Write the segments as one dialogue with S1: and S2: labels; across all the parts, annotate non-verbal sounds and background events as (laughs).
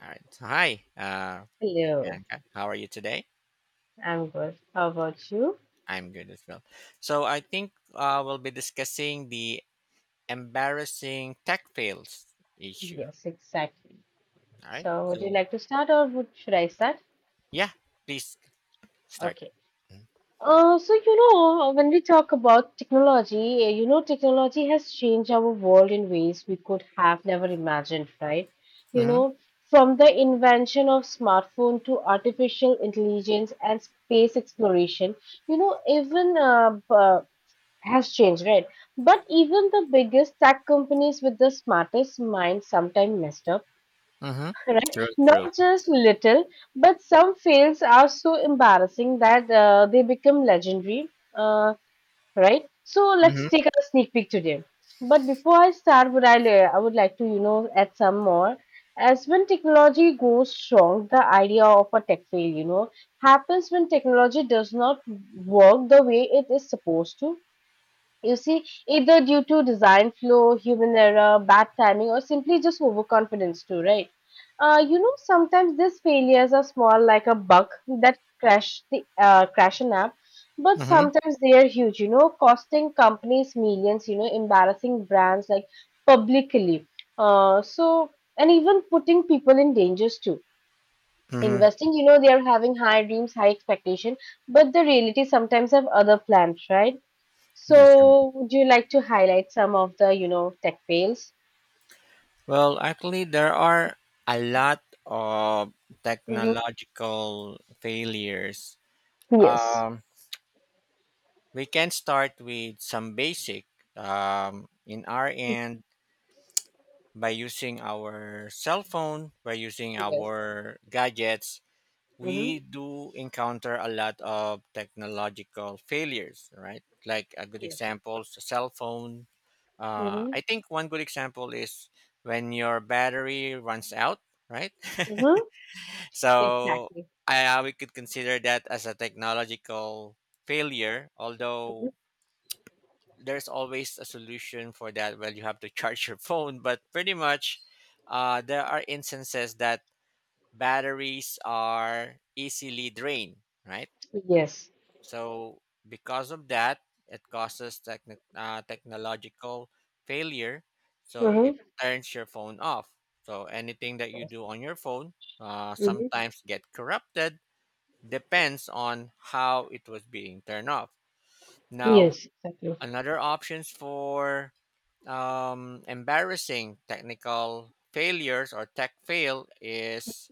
S1: All right. So, hi,
S2: Hello.
S1: Bianca. How are you today?
S2: I'm good. How about you?
S1: I'm good as well. So, I think we'll be discussing the embarrassing tech fails issue.
S2: Yes, exactly.
S1: All right.
S2: So, would you
S1: So,
S2: like to start or should I start?
S1: yeah, please start.
S2: Okay. When we talk about technology, technology has changed our world in ways we could have never imagined, right? You
S1: Mm-hmm.
S2: know, from the invention of smartphone to artificial intelligence and space exploration, you know, even uh, b- uh, has changed, right? But even the biggest tech companies with the smartest minds sometimes messed up,
S1: Mm-hmm.
S2: (laughs) right?
S1: True. True.
S2: Not just little, but some fails are so embarrassing that they become legendary, uh, right? So let's
S1: Mm-hmm.
S2: take a sneak peek today. But before I start, I would like to, add some more. As when technology goes wrong, the idea of a tech fail, happens when technology does not work the way it is supposed to, you see, either due to design flaw, human error, bad timing, or simply just overconfidence, too, right? Sometimes these failures are small, like a bug that crash an app, but
S1: Mm-hmm.
S2: sometimes they are huge. You know, costing companies millions. You know, embarrassing brands like publicly. Uh, so and even putting people in dangers too.
S1: Mm-hmm.
S2: Investing, you know, they are having high dreams, high expectation, but the reality sometimes have other plans, right?
S1: That's true.
S2: So, would you like to highlight some of the, tech fails?
S1: Well, actually, there are a lot of
S2: Mm-hmm.
S1: technological failures.
S2: Yes.
S1: Um, we can start with some basic. In our end, by using our cell phone, by using
S2: Yes.
S1: our gadgets,
S2: Mm-hmm.
S1: we do encounter a lot of technological failures, right? Like a good
S2: Yes.
S1: example, cell phone.
S2: Mm-hmm.
S1: I think one good example is when your battery runs out, right? (laughs)
S2: Mm-hmm.
S1: So
S2: Exactly.
S1: we could consider that as a technological failure,
S2: hmm
S1: although there's always a solution for that. Well, you have to (laughs) charge your phone, but pretty much, there are instances that batteries are easily drained, right?
S2: Yes.
S1: So because of that, it causes technological failure. So it
S2: Mm-hmm.
S1: turns your phone off. So anything that you
S2: Yes.
S1: do on your phone
S2: Mm-hmm.
S1: sometimes get corrupted. Depends on how it was being turned off. Now,
S2: Yes. Exactly.
S1: another options for embarrassing technical failures or tech fail is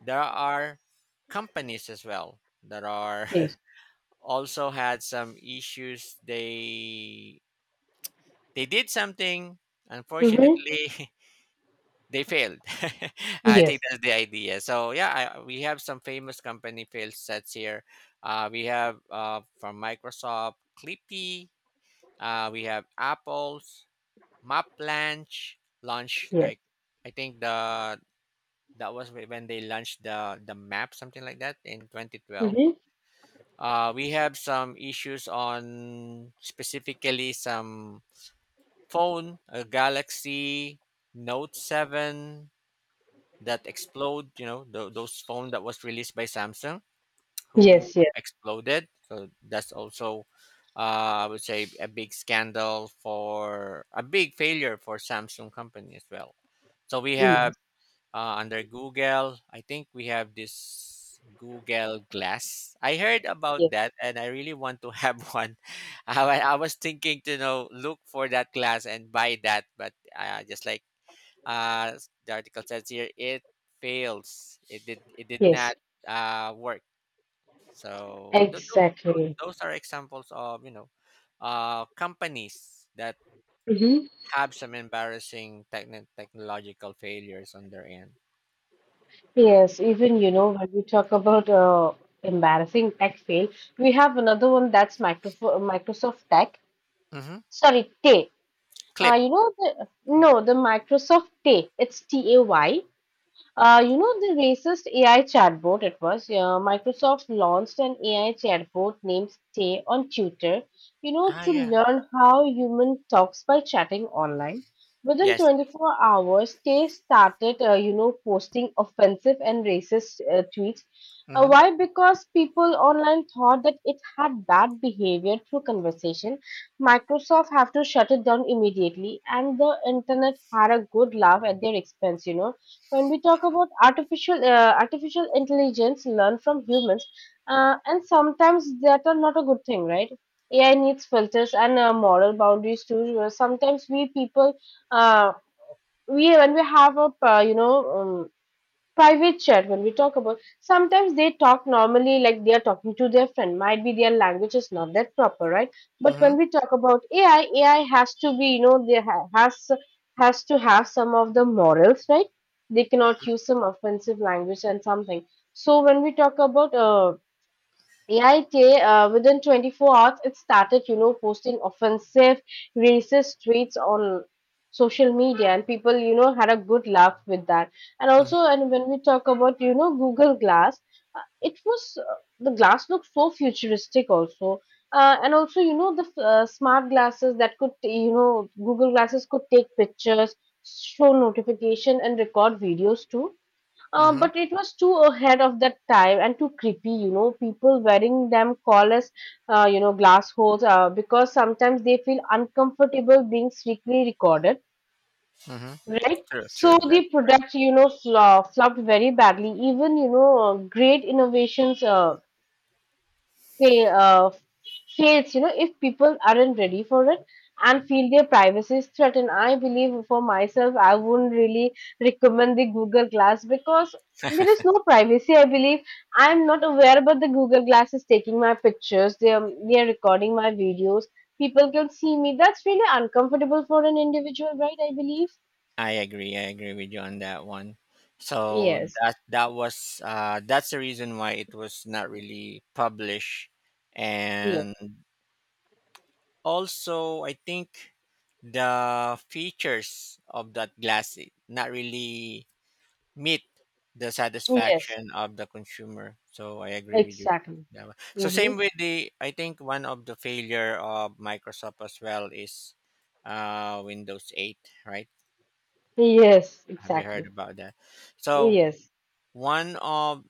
S1: there are companies as well that are
S2: Yes.
S1: (laughs) also had some issues, they did something
S2: Mm-hmm.
S1: unfortunately, (laughs) they failed. (laughs) I think
S2: Yes.
S1: that's the idea. So, yeah, we have some famous company fail sets here. We have from Microsoft Clippy. We have Apple's map launch
S2: Yes.
S1: like. I think the that was when they launched the map, something like that, in 2012.
S2: Mm-hmm.
S1: We have some issues on specifically some phone, a Galaxy Note 7 that explode, those phone that was released by Samsung, who
S2: Yes. Yes.
S1: exploded. So that's also, I would say, a big scandal, for a big failure for Samsung company as well. So we have,
S2: Yes.
S1: under Google, I think we have this Google Glass. I heard about
S2: Yes.
S1: that, and I really want to have (laughs) one. I was thinking to look for that glass and buy that, but just like, uh, the article says here, it fails. It did
S2: Yes.
S1: not work. So tho- tho- those
S2: Exactly.
S1: those are examples of companies that
S2: Mm-hmm.
S1: have some embarrassing technological failures on their end.
S2: Yes. Even you know when we talk about embarrassing tech fail, we have another one that's Microf Microsoft Tech.
S1: Hmm.
S2: Sorry, Tay.
S1: Clip.
S2: You know the no, the Microsoft Tay. It's Tay. The racist AI chatbot it was. Microsoft launched an AI chatbot named Stay on Tutor, you know,
S1: Ah,
S2: to
S1: yeah.
S2: learn how human talks by chatting online. Within
S1: Yes. Yes.
S2: 24 hours, Stay started, posting offensive and racist tweets.
S1: Mm-hmm.
S2: Why? Because people online thought that it had bad behavior through conversation. Microsoft have to shut it down immediately, and the internet had a good laugh at their expense. You know, when we talk about artificial intelligence, learn from humans, and sometimes that are not a good thing, right? AI needs filters and moral boundaries too. Sometimes we people, uh, we when we have a private chat when we talk about, sometimes they talk normally like they are talking to their friend. Might be their language is not that proper, right? But
S1: Mm-hmm.
S2: when we talk about ai has to be, you know, has to have some of the morals, right? They cannot use some offensive language and something. So when we talk about AIT, within 24 hours, it started, you know, posting offensive, racist tweets on social media, and people, you know, had a good laugh with that. And also,
S1: Mm-hmm.
S2: and when we talk about, you know, Google Glass, it was the glass looked so futuristic, also. And also, you know, the smart glasses that could, you know, Google glasses could take pictures, show notification, and record videos too.
S1: Mm-hmm.
S2: But it was too ahead of that time and too creepy, you know. People wearing them call us, you know, glass holes because sometimes they feel uncomfortable being strictly recorded,
S1: Mm-hmm.
S2: right?
S1: True. True.
S2: So
S1: That's
S2: the
S1: correct.
S2: product, you know, flopped very badly. Even, great innovations fail, uh, fails, you know, if people aren't ready for it and feel their privacy is threatened. I believe for myself, I wouldn't really recommend the Google Glass because there is no privacy. I believe I'm not aware about the Google Glass is taking my pictures. They are recording my videos. People can see me. That's really uncomfortable for an individual, right? I believe.
S1: I agree. I agree with you on that one. So
S2: Yes.
S1: that's the reason why it was not really published,
S2: Yes.
S1: and also, I think the features of that glass, not really meet the
S2: Yes.
S1: satisfaction of the consumer. So I agree with you.
S2: Exactly.
S1: Yeah. So same
S2: Mm-hmm.
S1: with the, I think one of the failure of Microsoft as well is Windows 8, right?
S2: Yes.
S1: Have you heard
S2: Exactly.
S1: about that? So
S2: Yes.
S1: one of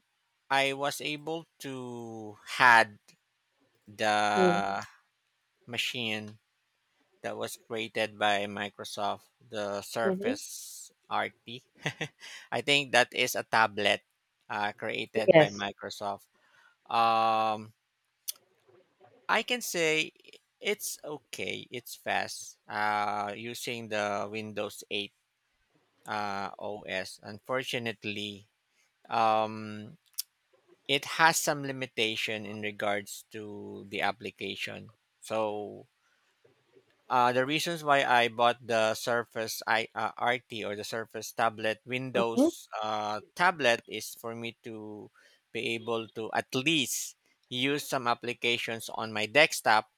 S1: I was able to had
S2: Mm-hmm.
S1: the machine that was created by Microsoft, the Surface RT. (laughs) I think that is a tablet created by
S2: Yes.
S1: Microsoft. Um, I can say it's okay. It's fast using the Windows 8 OS. Unfortunately, um, it has some limitation in regards to the application. So, the reasons why I bought the Surface RT, or the Surface tablet,
S2: Mhm.
S1: Windows tablet, is for me to be able to at least use some applications on my desktop,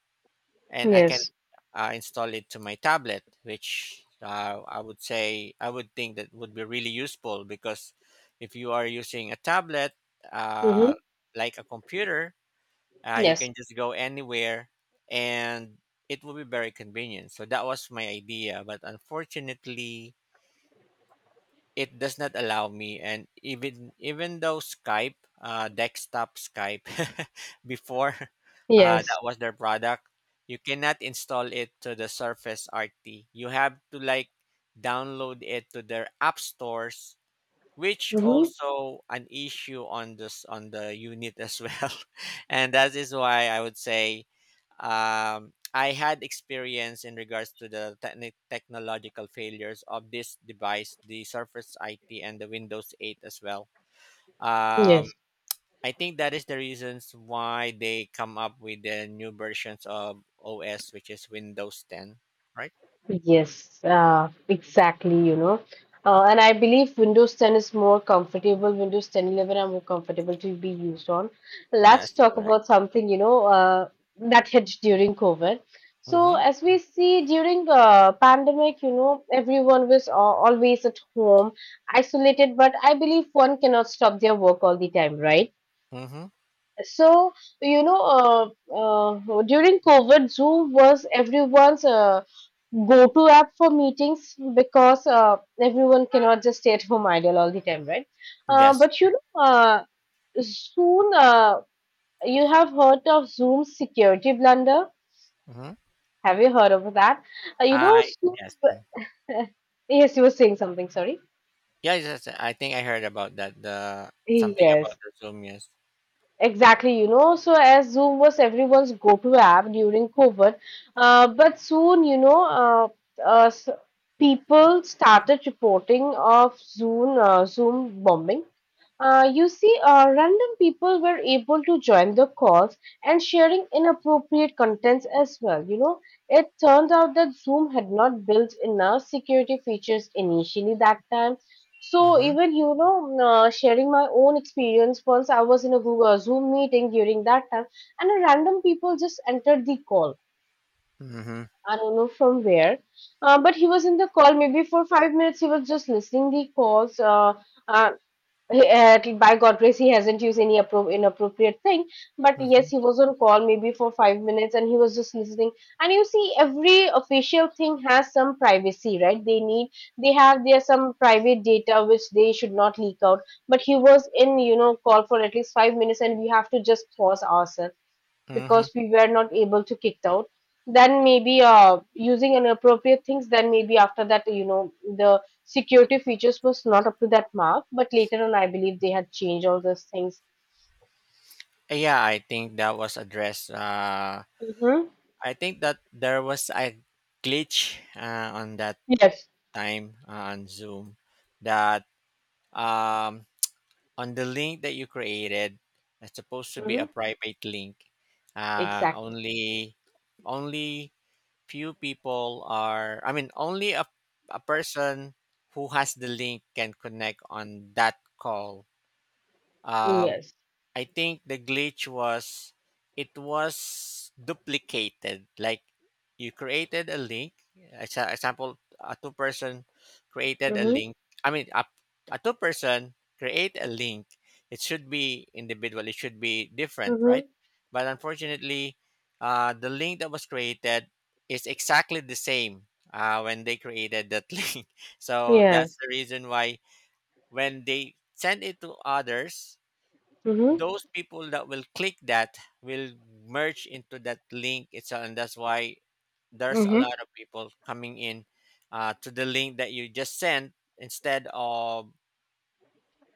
S1: and I can
S2: Yes.
S1: install it to my tablet, which I would think that would be really useful, because if you are using a tablet,
S2: Mm-hmm.
S1: uh, like a computer, you
S2: Yes.
S1: can just go anywhere and it will be very convenient. So that was my idea, but unfortunately, it does not allow me. And even though Skype, desktop Skype, (laughs) before,
S2: Yes.
S1: that was their product, you cannot install it to the Surface RT. You have to like download it to their app stores, which
S2: Mm-hmm.
S1: also an issue on the unit as well. (laughs) And that is why I would say, I had experience in regards to the technological failures of this device, the Surface it and the Windows 8 as well. um,
S2: Yes.
S1: I think that is the reasons why they come up with the new versions of OS, which is Windows 10.
S2: Yes. Exactly. And I believe Windows 10 is more comfortable. Windows 10, 11 are more comfortable to be used on. Let's
S1: That's
S2: talk
S1: correct.
S2: about something. That hit during COVID. So
S1: Mm-hmm.
S2: as we see during pandemic, you know, everyone was always at home, isolated. But I believe one cannot stop their work all the time, right?
S1: Mm-hmm.
S2: So, during COVID, Zoom was everyone's go-to app for meetings because everyone cannot just stay at home idle all the time, right?
S1: Yes.
S2: But you know, soon You have heard of Zoom's security blunder.
S1: Mm-hmm.
S2: Have you heard of that? Uh, you know,
S1: I
S2: soon,
S1: yes
S2: (laughs) yes, you were saying something, sorry.
S1: Yeah, yes, yes, I think I heard about that. The something about
S2: Yes.
S1: the Zoom, yes.
S2: Exactly, you know, so as Zoom was everyone's go-to app during COVID, but soon, you know, s- people started reporting of Zoom bombing. Random people were able to join the calls and sharing inappropriate contents as well. You know, it turned out that Zoom had not built enough security features initially that time, so
S1: Mm-hmm.
S2: even you know, sharing my own experience. Once I was in a Google Zoom meeting during that time, and a random people just entered the call.
S1: Mm-hmm.
S2: I don't know from where, but he was in the call maybe for 5 minutes. He was just listening the calls. Uh, by God grace, he hasn't used any inappropriate thing. But
S1: Mm-hmm.
S2: yes, he was on call maybe for 5 minutes and he was just listening. And you see, every official thing has some privacy, right? They have their some private data which they should not leak out. But he was in, you know, call for at least 5 minutes and we have to just pause ourselves
S1: Mm-hmm.
S2: because we were not able to kicked out then maybe using inappropriate things then maybe after that, you know, the security features was not up to that mark, but later on I believe they had changed all those things.
S1: Yeah, I think that was addressed.
S2: Mm-hmm.
S1: I think that there was a glitch on that
S2: Yes.
S1: time, on Zoom, that um, on the link that you created, it's supposed to be a
S2: Mm-hmm.
S1: private link. Uh,
S2: Exactly.
S1: only only few people are, I mean, only a person who has the link can connect on that call. um,
S2: Yes.
S1: I think the glitch was it was duplicated. Like, you created a link. As a example, a two-person created a
S2: Mm-hmm.
S1: link. I mean, a two-person create a link. It should be individual. It should be different,
S2: Mm-hmm.
S1: right? But unfortunately, the link that was created is exactly the same when they created that (laughs) link. So that's
S2: Yes.
S1: the reason why, when they send it to others,
S2: Mm-hmm.
S1: those people that will click that will merge into that link itself. And that's why there's a lot
S2: Mm-hmm.
S1: of people coming in to the link that you just sent, instead of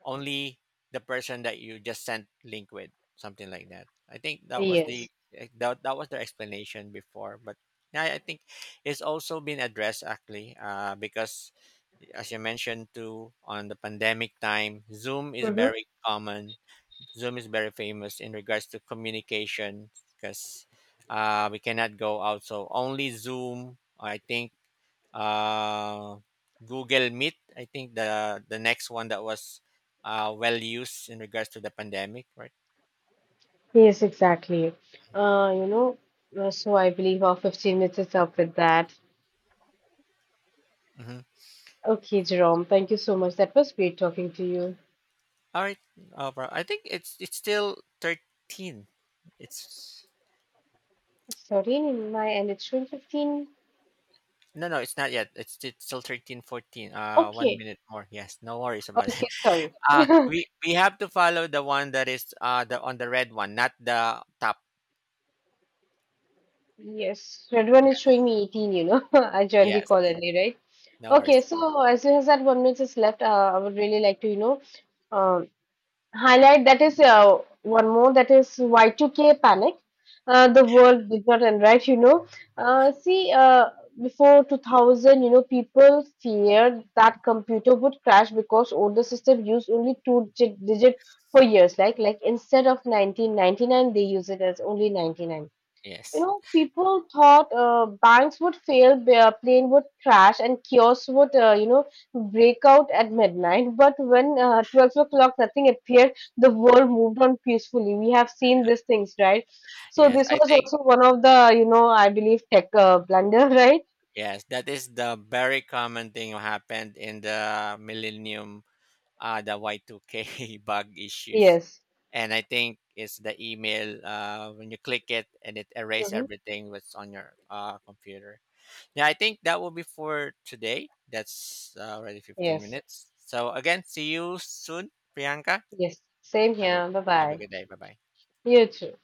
S1: only the person that you just sent link with, something like that. I think that was
S2: Yes.
S1: their explanation before, but yeah, I think it's also been addressed actually, because as you mentioned too, on the pandemic time,
S2: Mm-hmm.
S1: Zoom is very famous in regards to communication, because we cannot go out. So only Zoom, I think, uh, Google Meet, I think the next one that was well used in regards to the pandemic, right?
S2: Yes. Exactly. uh, you know I believe our 15 minutes is up with that.
S1: Mm-hmm.
S2: Okay, Jerome, thank you so much. That was great talking to you.
S1: All right, bro, I think it's still 13. It's
S2: 13 in my and it's showing 15.
S1: no, no, it's not yet. It's still 13 14. 14. One
S2: Okay,
S1: minute more. Yes, no worries about (laughs) it.
S2: okay, sorry. (laughs)
S1: We have to follow the one that is the on the red one, not the top.
S2: Yes, red one is
S1: Yes.
S2: showing me 18, you know. (laughs) I joined the call
S1: Yes.
S2: early, right?
S1: No worries.
S2: Okay, so as soon as that one minute is left, I would really like to, um. highlight that is one more that is Y2K panic. The world did not end right, you know. Uh, see, uh, Before 2000, you know, people feared that computer would crash because older system used only digit for years. Like instead of 1999, they use it as only 99. You
S1: Yes.
S2: know, people thought banks would fail, their plane would crash, and kiosks would, break out at midnight. But when 12 o'clock, nothing appeared, the world moved on peacefully. We have seen these things, right? So
S1: Yes.
S2: this
S1: I
S2: was
S1: think
S2: also one of the, you know, I believe tech blunder, (laughs) right?
S1: yes, that is the very common thing happened in the millennium, the Y2K (laughs) bug issues.
S2: Yes.
S1: And I think it's the email, when you click it and it erase
S2: Mm-hmm.
S1: everything that's on your computer. Yeah, I think that will be for today. That's already 15
S2: Yes.
S1: minutes. So again, see you soon, Priyanka.
S2: Yes. Same
S1: Have a
S2: here. Bye
S1: have a
S2: bye.
S1: good day. Bye bye.
S2: You too.